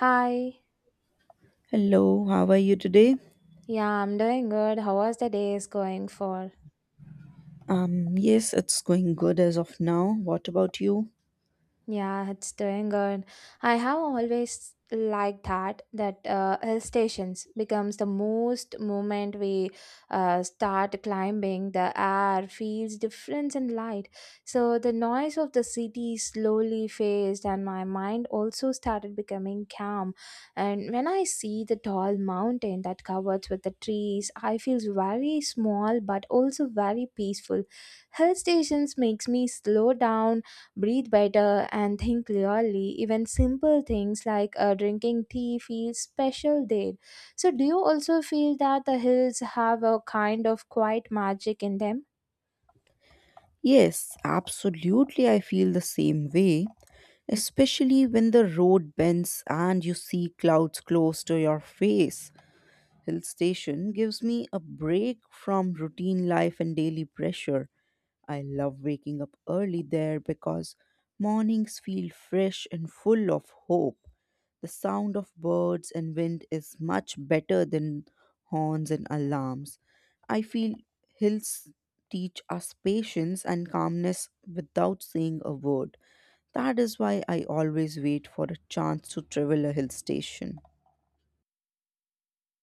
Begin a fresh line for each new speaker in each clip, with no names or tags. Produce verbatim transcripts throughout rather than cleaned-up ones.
Hi.
Hello, how are you today?
Yeah, I'm doing good. How was the day is going for?
Um, yes, it's going good as of now. What about you?
Yeah, it's doing good. I have always liked that that uh, hill stations becomes the most moment we uh, start climbing. The air feels different and light, so the noise of the city slowly fades, and my mind also started becoming calm. And when I see the tall mountain that covers with the trees, I feel very small but also very peaceful. Hill stations makes me slow down breathe better, and think clearly. Even simple things like uh, drinking tea feel special there. So, do you also feel that the hills have a kind of quiet magic in them?
Yes, absolutely. I feel the same way, especially when the road bends and you see clouds close to your face. Hill station gives me a break from routine life and daily pressure. I love waking up early there because mornings feel fresh and full of hope. The sound of birds and wind is much better than horns and alarms. I feel hills teach us patience and calmness without saying a word. That is why I always wait for a chance to travel a hill station.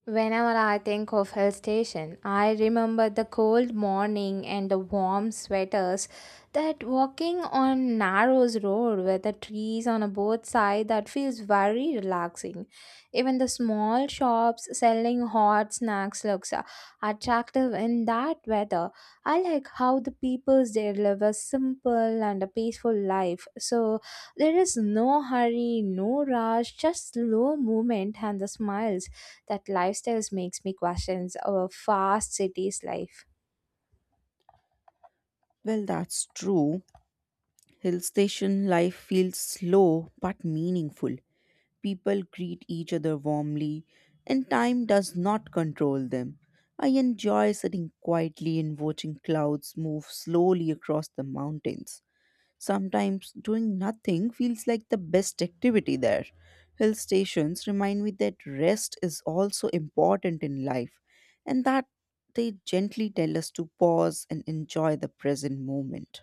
Whenever I think of hill station, I remember the cold morning and the warm sweaters. That walking on Narrows Road with the trees on both sides that feels very relaxing. Even the small shops selling hot snacks looks uh, attractive in that weather. I like how the peoples there live a simple and a peaceful life. So there is no hurry, no rush, just slow movement and the smiles that lifestyles makes me questions our fast cities life.
Well, that's true. Hill station life feels slow but meaningful. People greet each other warmly, and time does not control them. I enjoy sitting quietly and watching clouds move slowly across the mountains. Sometimes doing nothing feels like the best activity there. Hill stations remind me that rest is also important in life and that they gently tell us to pause and enjoy the present moment.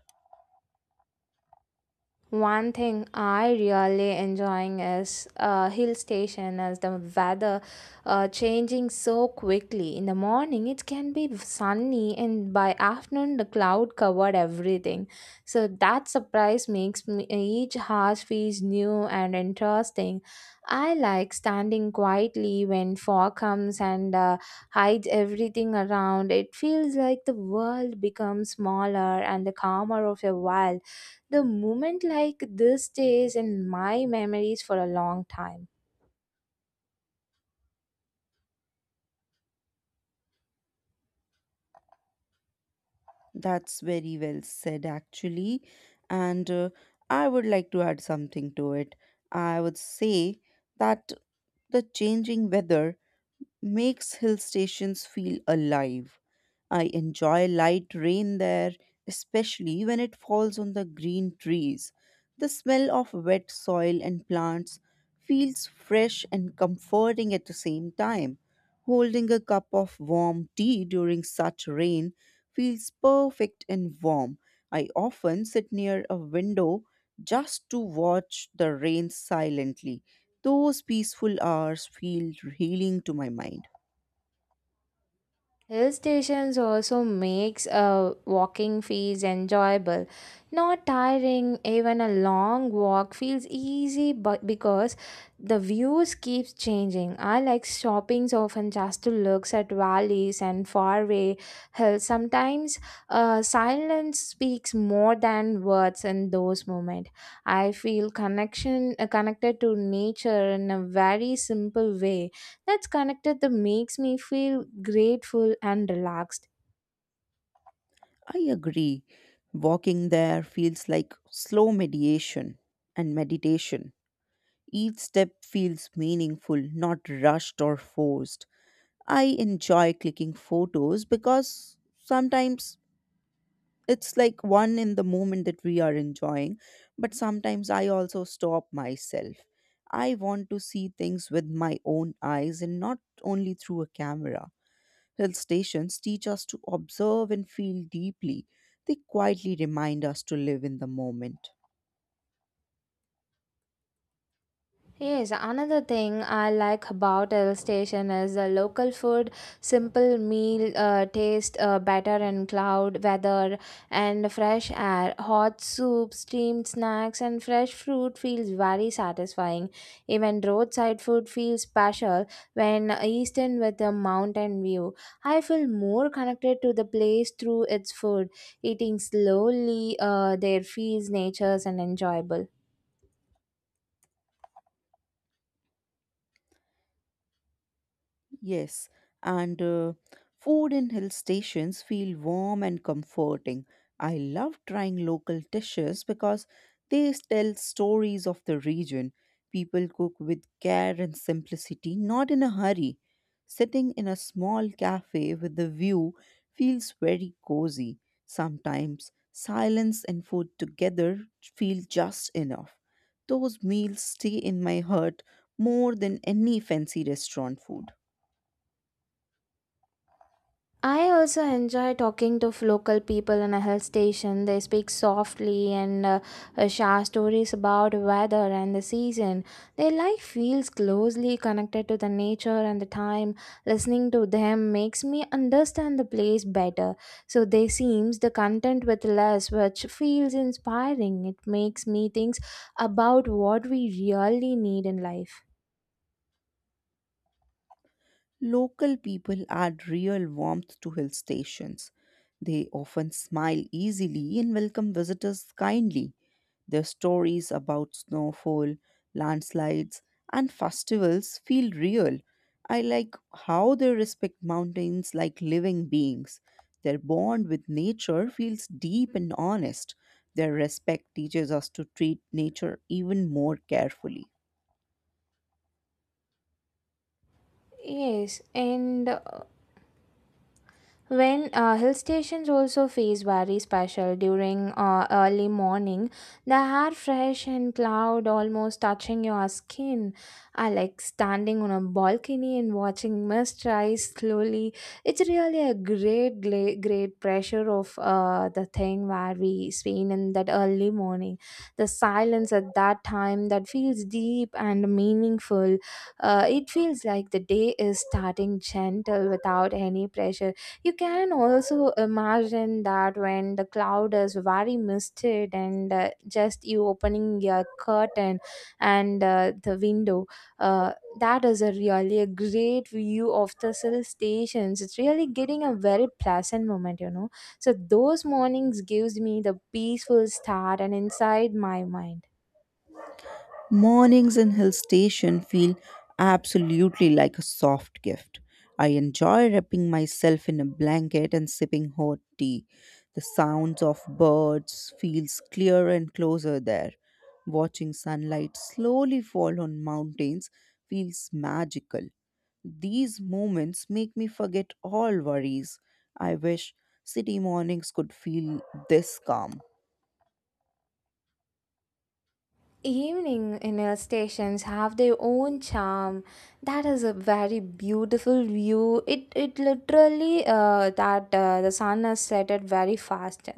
One thing I really enjoying is uh, hill station as the weather uh, changing so quickly. In the morning it can be sunny and by afternoon the cloud covered everything. So that surprise makes me, each house feels new and interesting. I like standing quietly when fog comes and uh, hides everything around. It feels like the world becomes smaller and the calmer of a while the moment like this stays in my memories for a long time.
That's very well said, actually. And uh, I would like to add something to it. I would say that the changing weather makes hill stations feel alive. I enjoy light rain there, especially when it falls on the green trees. The smell of wet soil and plants feels fresh and comforting at the same time. Holding a cup of warm tea during such rain feels perfect and warm. I often sit near a window just to watch the rain silently. Those peaceful hours feel healing to my mind.
Hill stations also makes uh, walking feels enjoyable, not tiring. Even a long walk feels easy, but because the views keeps changing. I like shopping often just to looks at valleys and faraway hills. Sometimes uh, silence speaks more than words in those moments. I feel connection uh, connected to nature in a very simple way that's connected that makes me feel grateful and relaxed.
I agree. Walking there feels like slow mediation and meditation. Each step feels meaningful, not rushed or forced. I enjoy clicking photos because sometimes it's like one in the moment that we are enjoying, but sometimes I also stop myself. I want to see things with my own eyes and not only through a camera. Hill stations teach us to observe and feel deeply. They quietly remind us to live in the moment.
Yes, another thing I like about Hill Station is the local food. Simple meal uh, taste uh, better in cloud weather and fresh air. Hot soup, steamed snacks, and fresh fruit feels very satisfying. Even roadside food feels special when eaten with a mountain view. I feel more connected to the place through its food. Eating slowly uh, there feels nature's and enjoyable.
Yes, and uh, food in hill stations feel warm and comforting. I love trying local dishes because they tell stories of the region. People cook with care and simplicity, not in a hurry. Sitting in a small cafe with the view feels very cozy. Sometimes silence and food together feel just enough. Those meals stay in my heart more than any fancy restaurant food.
I also enjoy talking to local people in a hill station. They speak softly and uh, uh, share stories about weather and the season. Their life feels closely connected to the nature and the time. Listening to them makes me understand the place better. So they seems the content with less, which feels inspiring. It makes me think about what we really need in life.
Local people add real warmth to hill stations. They often smile easily and welcome visitors kindly. Their stories about snowfall, landslides, and festivals feel real. I like how they respect mountains like living beings. Their bond with nature feels deep and honest. Their respect teaches us to treat nature even more carefully.
Yes, and uh, When uh, hill stations also feels very special during uh, early morning, the air fresh and cloud almost touching your skin. I like standing on a balcony and watching mist rise slowly. It's really a great, great, great pressure of uh, the thing where we seen in that early morning. The silence at that time that feels deep and meaningful. Uh, it feels like the day is starting gentle without any pressure. You can also imagine that when the cloud is very misted and uh, just you opening your curtain and uh, the window, uh, that is a really a great view of the hill stations. It's really getting a very pleasant moment, you know. So those mornings gives me the peaceful start and inside my mind.
Mornings in hill station feel absolutely like a soft gift. I enjoy wrapping myself in a blanket and sipping hot tea. The sounds of birds feels clearer and closer there. Watching sunlight slowly fall on mountains feels magical. These moments make me forget all worries. I wish city mornings could feel this calm.
Evening in hill stations have their own charm. That is a very beautiful view. It it literally uh, that uh, the sun has set it very fast.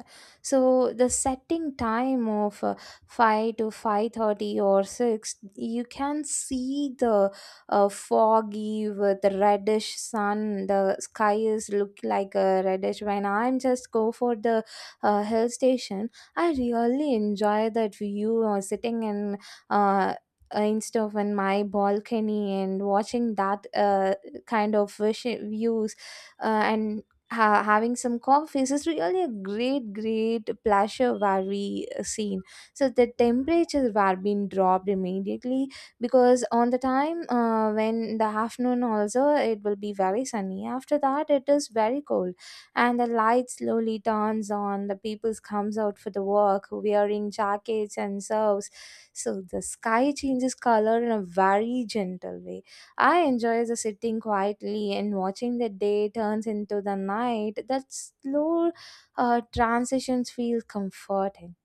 So the setting time of uh, five to five thirty or six, you can see the uh, foggy with the reddish sun. The sky is look like a reddish. When I'm just go for the uh, hill station I really enjoy that view or sitting in uh, uh, instead of in my balcony and watching that uh, kind of vish- views uh, and ha- having some coffees is really a great great pleasure where we uh, seen. So the temperatures were being dropped immediately because on the time uh, when the afternoon also it will be very sunny after that it is very cold, and the light slowly dawns on the people comes out for the work wearing jackets and serves. So the sky changes color in a very gentle way. I enjoy the sitting quietly and watching the day turns into the night. That slow uh, transitions feel comforting.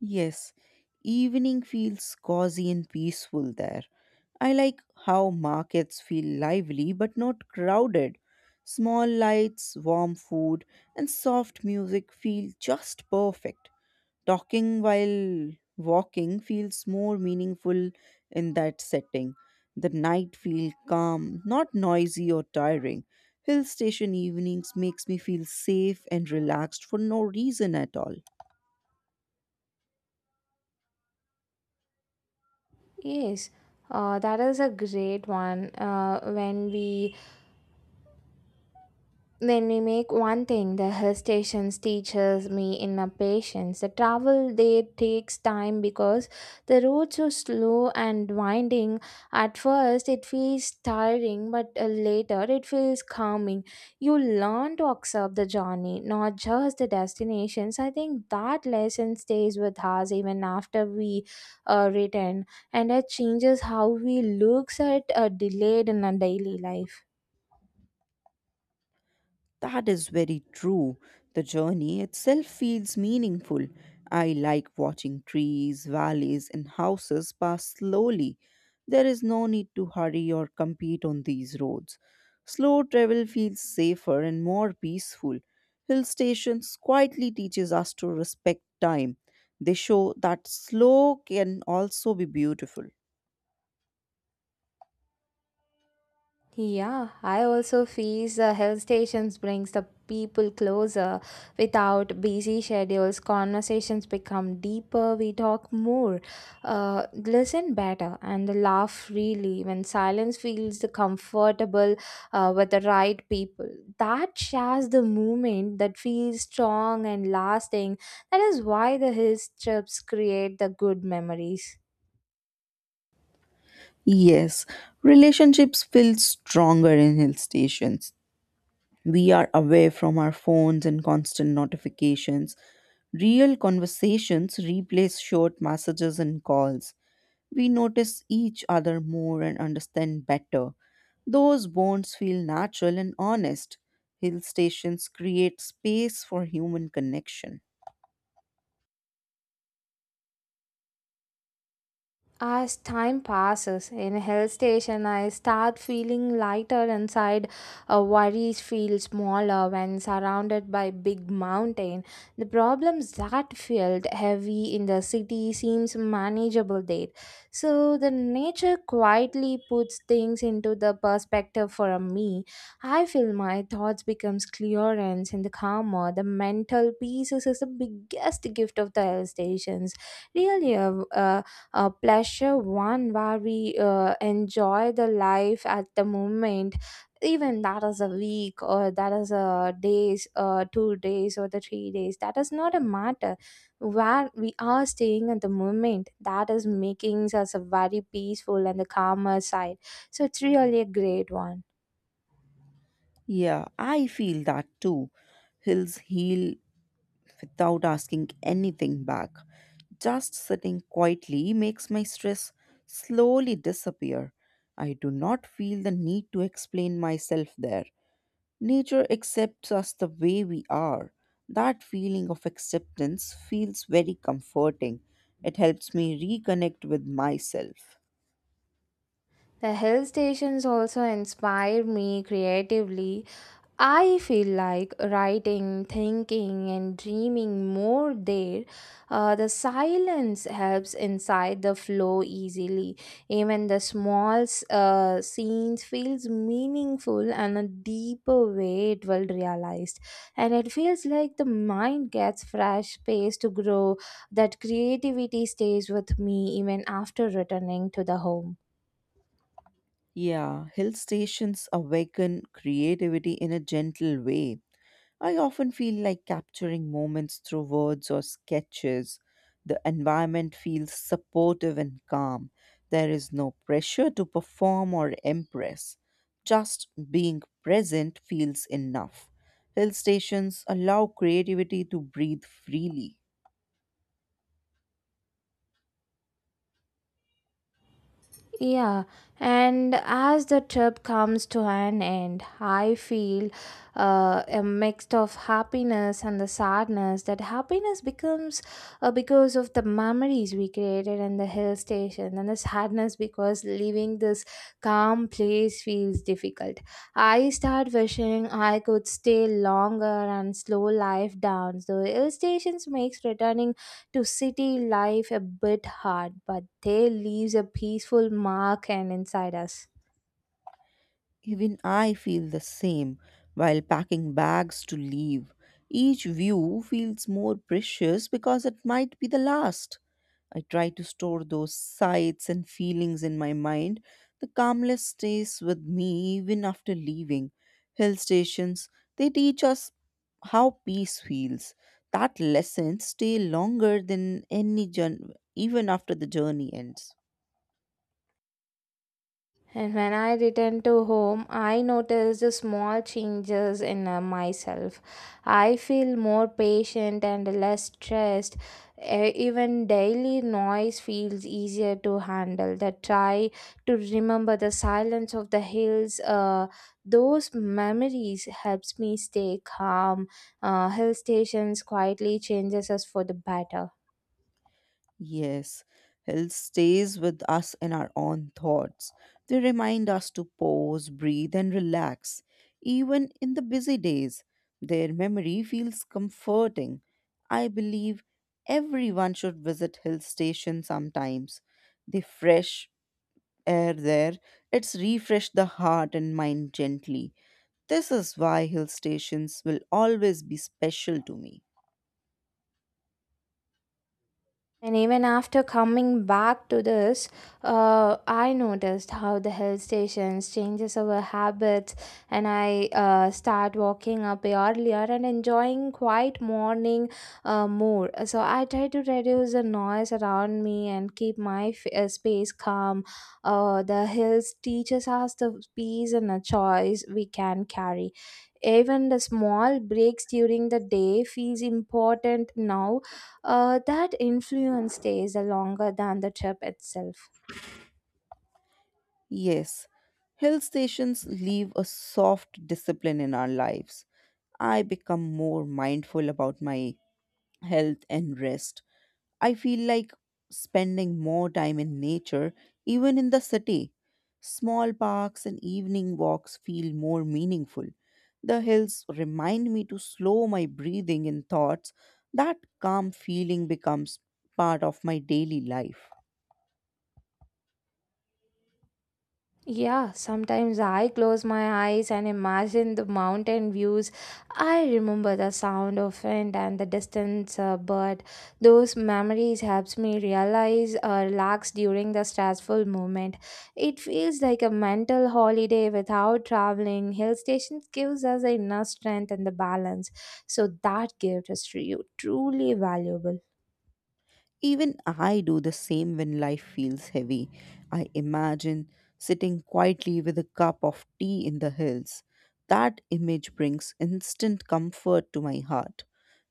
Yes, evening feels cozy and peaceful there. I like how markets feel lively but not crowded. Small lights, warm food, and soft music feel just perfect. Talking while walking feels more meaningful in that setting. The night feels calm, not noisy or tiring. Hill station evenings makes me feel safe and relaxed for no reason at all.
Yes uh, that is a great one uh, when we when we make one thing. The hill stations teaches me in a patience. The travel there takes time because the roads are slow and winding. At first it feels tiring but uh, later it feels calming. You learn to accept the journey not just the destinations. I think that lesson stays with us even after we uh, return, and it changes how we looks at uh, delayed in our daily life.
That is very true. The journey itself feels meaningful. I like watching trees, valleys, and houses pass slowly. There is no need to hurry or compete on these roads. Slow travel feels safer and more peaceful. Hill stations quietly teaches us to respect time. They show that slow can also be beautiful.
Yeah, I also feel the health stations brings the people closer. Without busy schedules, conversations become deeper. We talk more, uh, listen better, and laugh freely. When silence feels the comfortable uh, with the right people, that shares the moment that feels strong and lasting. That is why the hill trips create the good memories.
Yes, relationships feel stronger in hill stations. We are away from our phones and constant notifications. Real conversations replace short messages and calls. We notice each other more and understand better. Those bonds feel natural and honest. Hill stations create space for human connection.
As time passes in a hill station, I start feeling lighter inside. Uh, worries feel smaller when surrounded by big mountain. The problems that felt heavy in the city seems manageable there. So the nature quietly puts things into the perspective for me. I feel my thoughts becomes clearer and the calmer. The mental peace is the biggest gift of the hill stations, really a, uh, pleasure one where we uh, enjoy the life at the moment. Even that is a week or that is a days uh, two days or the three days, that is not a matter. Where we are staying at the moment that is making us a very peaceful and the calmer side, so it's really a great one.
Yeah, I feel that too. Hills heal without asking anything back. Just sitting quietly makes my stress slowly disappear. I do not feel the need to explain myself there. Nature accepts us the way we are. That feeling of acceptance feels very comforting. It helps me reconnect with myself.
The hill stations also inspire me creatively. I feel like writing, thinking, and dreaming more there. Uh, the silence helps inside the flow easily. Even the small s- uh, scenes feels meaningful and a deeper way it will realized. And it feels like the mind gets fresh space to grow. That creativity stays with me even after returning to the home.
Yeah, hill stations awaken creativity in a gentle way. I often feel like capturing moments through words or sketches. The environment feels supportive and calm. There is no pressure to perform or impress. Just being present feels enough. Hill stations allow creativity to breathe freely.
Yeah, and as the trip comes to an end, I feel uh, a mix of happiness and the sadness. That happiness becomes uh, because of the memories we created in the hill station, and the sadness because leaving this calm place feels difficult. I start wishing I could stay longer and slow life down. The hill stations makes returning to city life a bit hard, but they leaves a peaceful mark and inside us.
Even I feel the same while packing bags to leave. Each view feels more precious because it might be the last. I try to store those sights and feelings in my mind. The calmness stays with me even after leaving. Hill stations, they teach us how peace feels. That lesson stay longer than any journey, even after the journey ends.
And when I returned to home, I noticed the small changes in uh, myself. I feel more patient and less stressed. E- Even daily noise feels easier to handle. The try to remember the silence of the hills, uh, those memories helps me stay calm. Uh, hill stations quietly changes us for the better.
Yes, health stays with us in our own thoughts. They remind us to pause, breathe, and relax. Even in the busy days, their memory feels comforting. I believe everyone should visit hill station sometimes. The fresh air there, it's refreshed the heart and mind gently. This is why hill stations will always be special to me.
And even after coming back to this, uh, I noticed how the hill stations changes our habits, and I uh, start walking up earlier and enjoying quiet morning uh, more. So I try to reduce the noise around me and keep my f- uh, space calm. Uh, the hills teaches us the peace and the choice we can carry. Even the small breaks during the day feels important now. Uh, that influence stays longer than the trip itself.
Yes, hill stations leave a soft discipline in our lives. I become more mindful about my health and rest. I feel like spending more time in nature, even in the city. Small parks and evening walks feel more meaningful. The hills remind me to slow my breathing and thoughts. That calm feeling becomes part of my daily life.
Yeah, sometimes I close my eyes and imagine the mountain views. I remember the sound of wind and the distance, uh, but those memories helps me realize or relax during the stressful moment. It feels like a mental holiday without traveling. Hill stations gives us the inner strength and the balance, so that gift is tru- truly valuable.
Even I do the same when life feels heavy. I imagine sitting quietly with a cup of tea in the hills. That image brings instant comfort to my heart.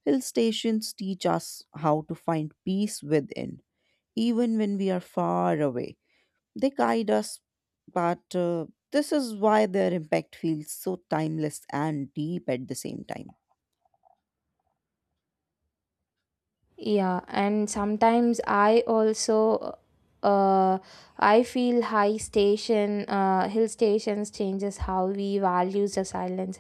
Hill stations teach us how to find peace within, even when we are far away. They guide us, but uh, this is why their impact feels so timeless and deep at the same time.
Yeah, and sometimes I also uh I feel high station uh hill stations changes how we values the silence.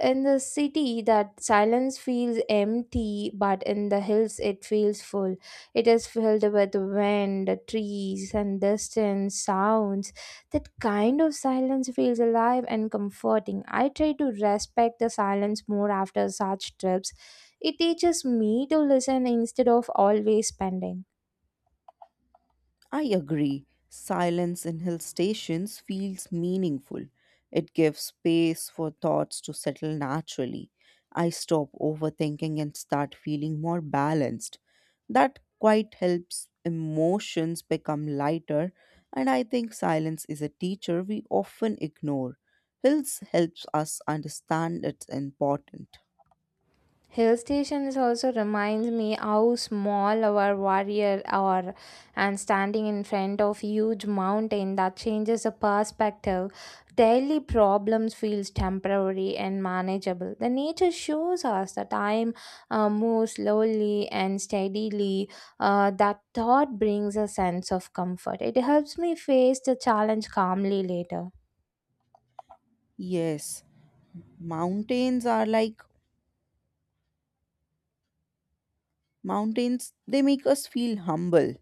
In the city that silence feels empty, but in the hills it feels full. It is filled with wind, trees and distant sounds. That kind of silence feels alive and comforting. I try to respect the silence more after such trips. It teaches me to listen instead of always spending.
I agree. Silence in hill stations feels meaningful. It gives space for thoughts to settle naturally. I stop overthinking and start feeling more balanced. That quite helps emotions become lighter, and I think silence is a teacher we often ignore. Hills helps us understand it's important.
Hill stations also reminds me how small our warrior are, and standing in front of huge mountain that changes the perspective. Daily problems feels temporary and manageable. The nature shows us that time uh, moves slowly and steadily. Uh, that thought brings a sense of comfort. It helps me face the challenge calmly later.
Yes, mountains are like Mountains, they make us feel humble.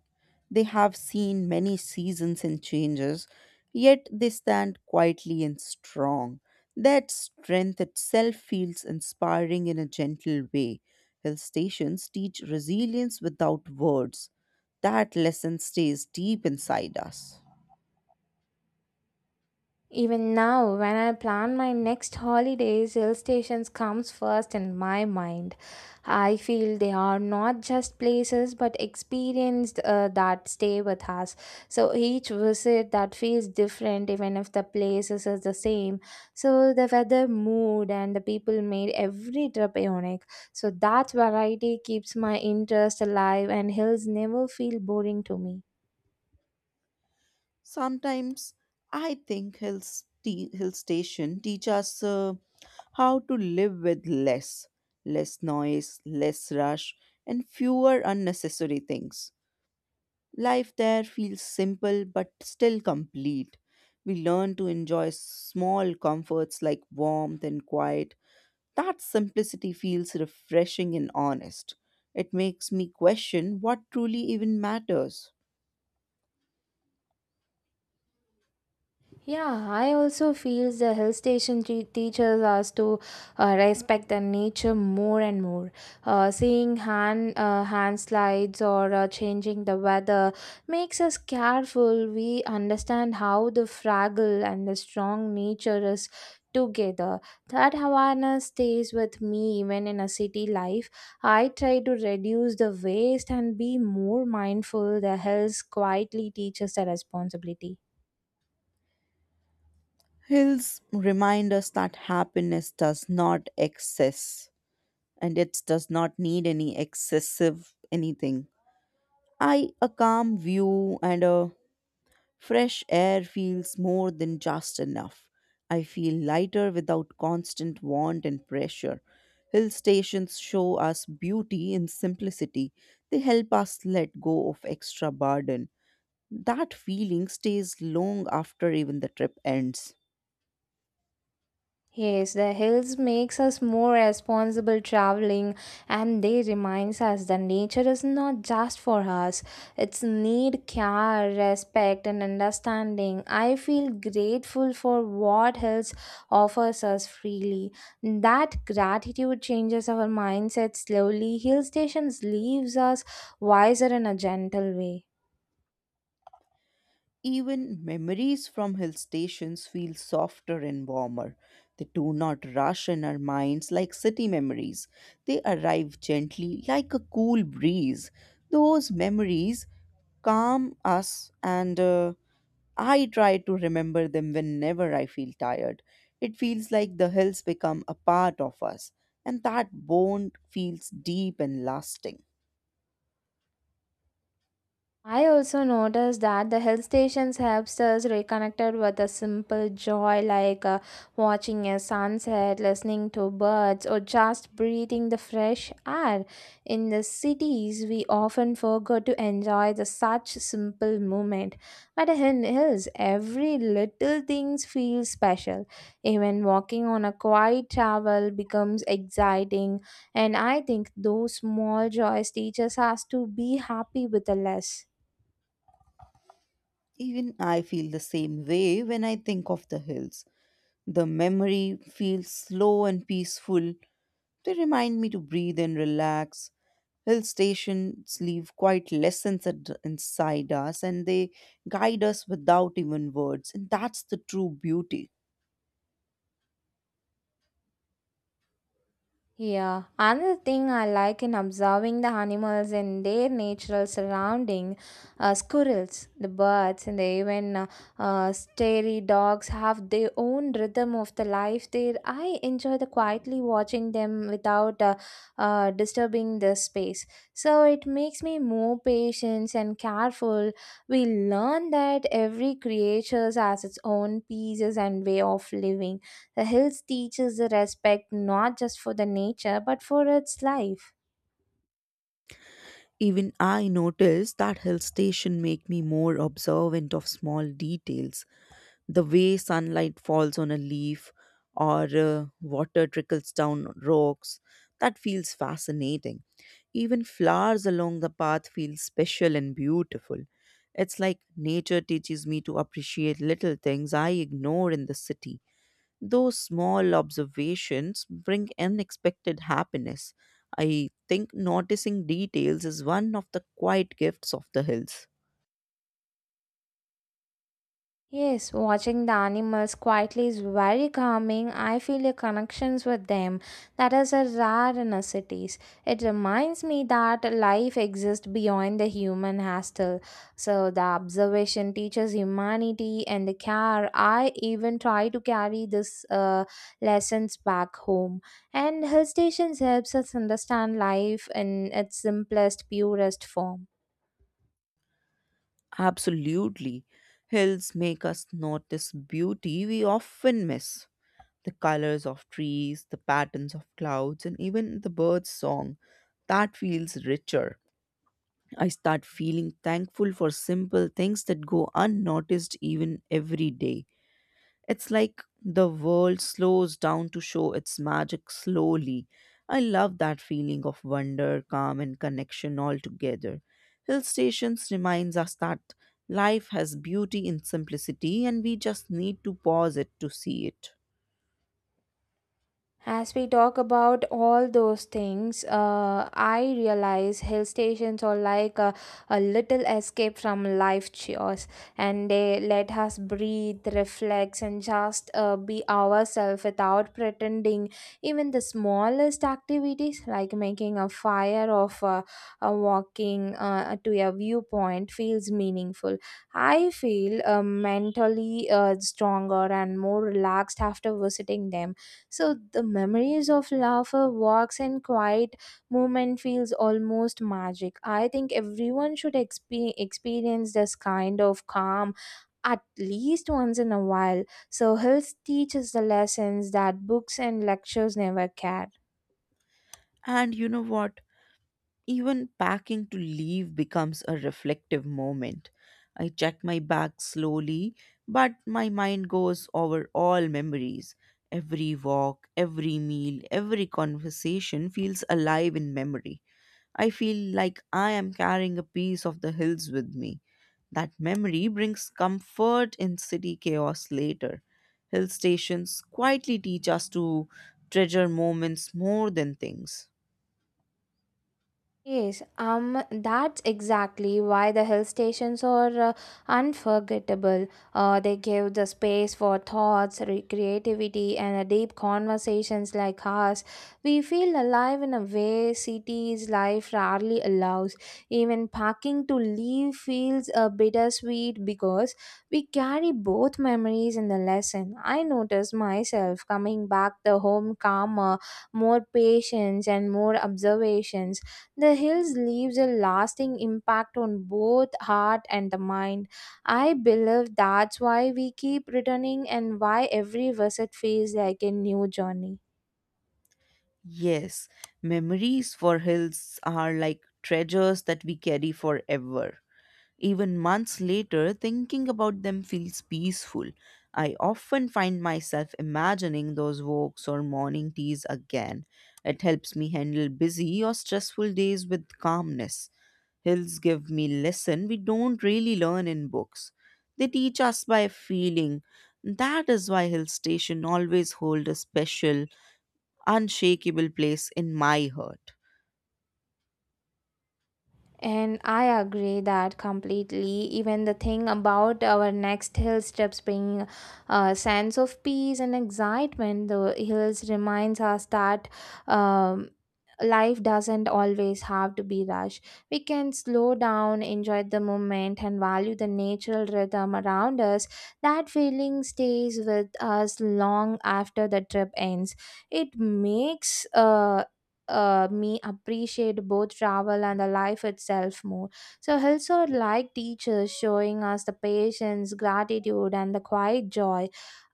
They have seen many seasons and changes, yet they stand quietly and strong. That strength itself feels inspiring in a gentle way. Hill stations teach resilience without words. That lesson stays deep inside us.
Even now, when I plan my next holidays, hill stations comes first in my mind. I feel they are not just places but experiences uh, that stay with us. So each visit that feels different, even if the places is the same. So the weather, mood, and the people made every trip unique. So that variety keeps my interest alive, and hills never feel boring to me.
Sometimes I think hill, st- hill station teach us uh, how to live with less, less noise, less rush, and fewer unnecessary things. Life there feels simple but still complete. We learn to enjoy small comforts like warmth and quiet. That simplicity feels refreshing and honest. It makes me question what truly even matters.
Yeah, I also feel the hill station te- teaches us to uh, respect the nature more and more. Uh, seeing hand uh, hand slides or uh, changing the weather makes us careful. We understand how the fragile and the strong nature is together. That awareness stays with me even in a city life. I try to reduce the waste and be more mindful. The hills quietly teaches the responsibility.
Hills remind us that happiness does not excess and it does not need any excessive anything. I a calm view and a fresh air feels more than just enough. I feel lighter without constant want and pressure. Hill stations show us beauty in simplicity. They help us let go of extra burden. That feeling stays long after even the trip ends.
Yes, the hills makes us more responsible traveling and they reminds us that nature is not just for us. It's need care, respect and understanding. I feel grateful for what hills offers us freely. That gratitude changes our mindset slowly. Hill stations leaves us wiser in a gentle way.
Even memories from hill stations feel softer and warmer. They do not rush in our minds like city memories. They arrive gently like a cool breeze. Those memories calm us, and uh, I try to remember them whenever I feel tired. It feels like the hills become a part of us, and that bond feels deep and lasting.
I also noticed that the hill stations helps us reconnected with a simple joy like uh, watching a sunset, listening to birds, or just breathing the fresh air. In the cities, we often forget to enjoy the such simple moment. But in hills, every little things feel special. Even walking on a quiet travel becomes exciting, and I think those small joys teaches us to be happy with the less.
Even I feel the same way when I think of the hills. The memory feels slow and peaceful. They remind me to breathe and relax. Hill stations leave quite lessons at, inside us and they guide us without even words. And that's the true beauty.
Yeah, another thing I like in observing the animals in their natural surrounding, uh, squirrels, the birds, and even uh, uh, starry dogs have their own rhythm of the life there. I enjoy the quietly watching them without uh, uh, disturbing the space. So it makes me more patient and careful. We learn that every creature has its own pieces and way of living the hills teaches the respect not just for the nature but for its life.
Even I noticed that hill station make me more observant of small details. The way sunlight falls on a leaf or uh, water trickles down rocks, that feels fascinating. Even flowers along the path feel special and beautiful. It's like nature teaches me to appreciate little things I ignore in the city. Those small observations bring unexpected happiness. I think noticing details is one of the quiet gifts of the hills.
Yes, watching the animals quietly is very calming. I feel a connections with them that is a rare in our cities. It reminds me that life exists beyond the human hostel. So the observation teaches humanity and the care. I even try to carry this uh, lessons back home. And hill stations helps us understand life in its simplest, purest form.
Absolutely. Hills make us notice beauty we often miss. The colors of trees, the patterns of clouds, and even the bird's song. That feels richer. I start feeling thankful for simple things that go unnoticed even every day. It's like the world slows down to show its magic slowly. I love that feeling of wonder, calm, and connection all together. Hill stations reminds us that life has beauty in simplicity and we just need to pause it to see it.
As we talk about all those things, uh, I realize hill stations are like a, a little escape from life chores, and they let us breathe, reflect, and just uh, be ourselves without pretending. Even the smallest activities, like making a fire or uh, uh, walking uh, to a viewpoint, feels meaningful. I feel uh, mentally uh, stronger and more relaxed after visiting them so the memories of laughter, walks, and quiet movement feels almost magic. I think everyone should expe- experience this kind of calm at least once in a while. So hills teaches the lessons that books and lectures never can.
And you know what? Even packing to leave becomes a reflective moment. I check my bag slowly, but my mind goes over all memories. Every walk, every meal, every conversation feels alive in memory. I feel like I am carrying a piece of the hills with me. That memory brings comfort in city chaos later. Hill stations quietly teach us to treasure moments more than things.
Yes, um, that's exactly why the hill stations are uh, unforgettable. Uh, they give the space for thoughts, re- creativity, and uh, deep conversations like ours. We feel alive in a way cities' life rarely allows. Even packing to leave feels a bittersweet because we carry both memories and the lesson. I noticed myself coming back the home calmer, more patience, and more observations the hills leaves a lasting impact on both heart and the mind. I believe that's why we keep returning and why every visit feels like a new journey.
Yes, memories for hills are like treasures that we carry forever. Even months later, thinking about them feels peaceful. I often find myself imagining those walks or morning teas again. It helps me handle busy or stressful days with calmness. Hills give me lesson we don't really learn in books. They teach us by feeling. That is why hill station always hold a special unshakable place in my heart.
And I agree that completely. Even the thing about our next hill steps bring a sense of peace and excitement. The hills reminds us that um, life doesn't always have to be rushed. We can slow down, enjoy the moment, and value the natural rhythm around us. That feeling stays with us long after the trip ends. It makes uh, uh, me appreciate both travel and the life itself more. So hills are like teachers showing us the patience, gratitude, and the quiet joy.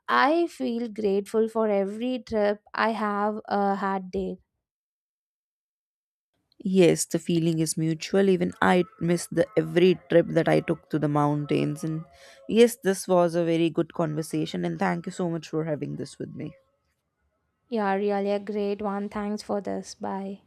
I feel grateful for every trip I have uh, had there.
Yes, the feeling is mutual. Even I miss the every trip that I took to the mountains. And yes, this was a very good conversation. And thank you so much for having this with me.
Yeah, really a great one. Thanks for this. Bye.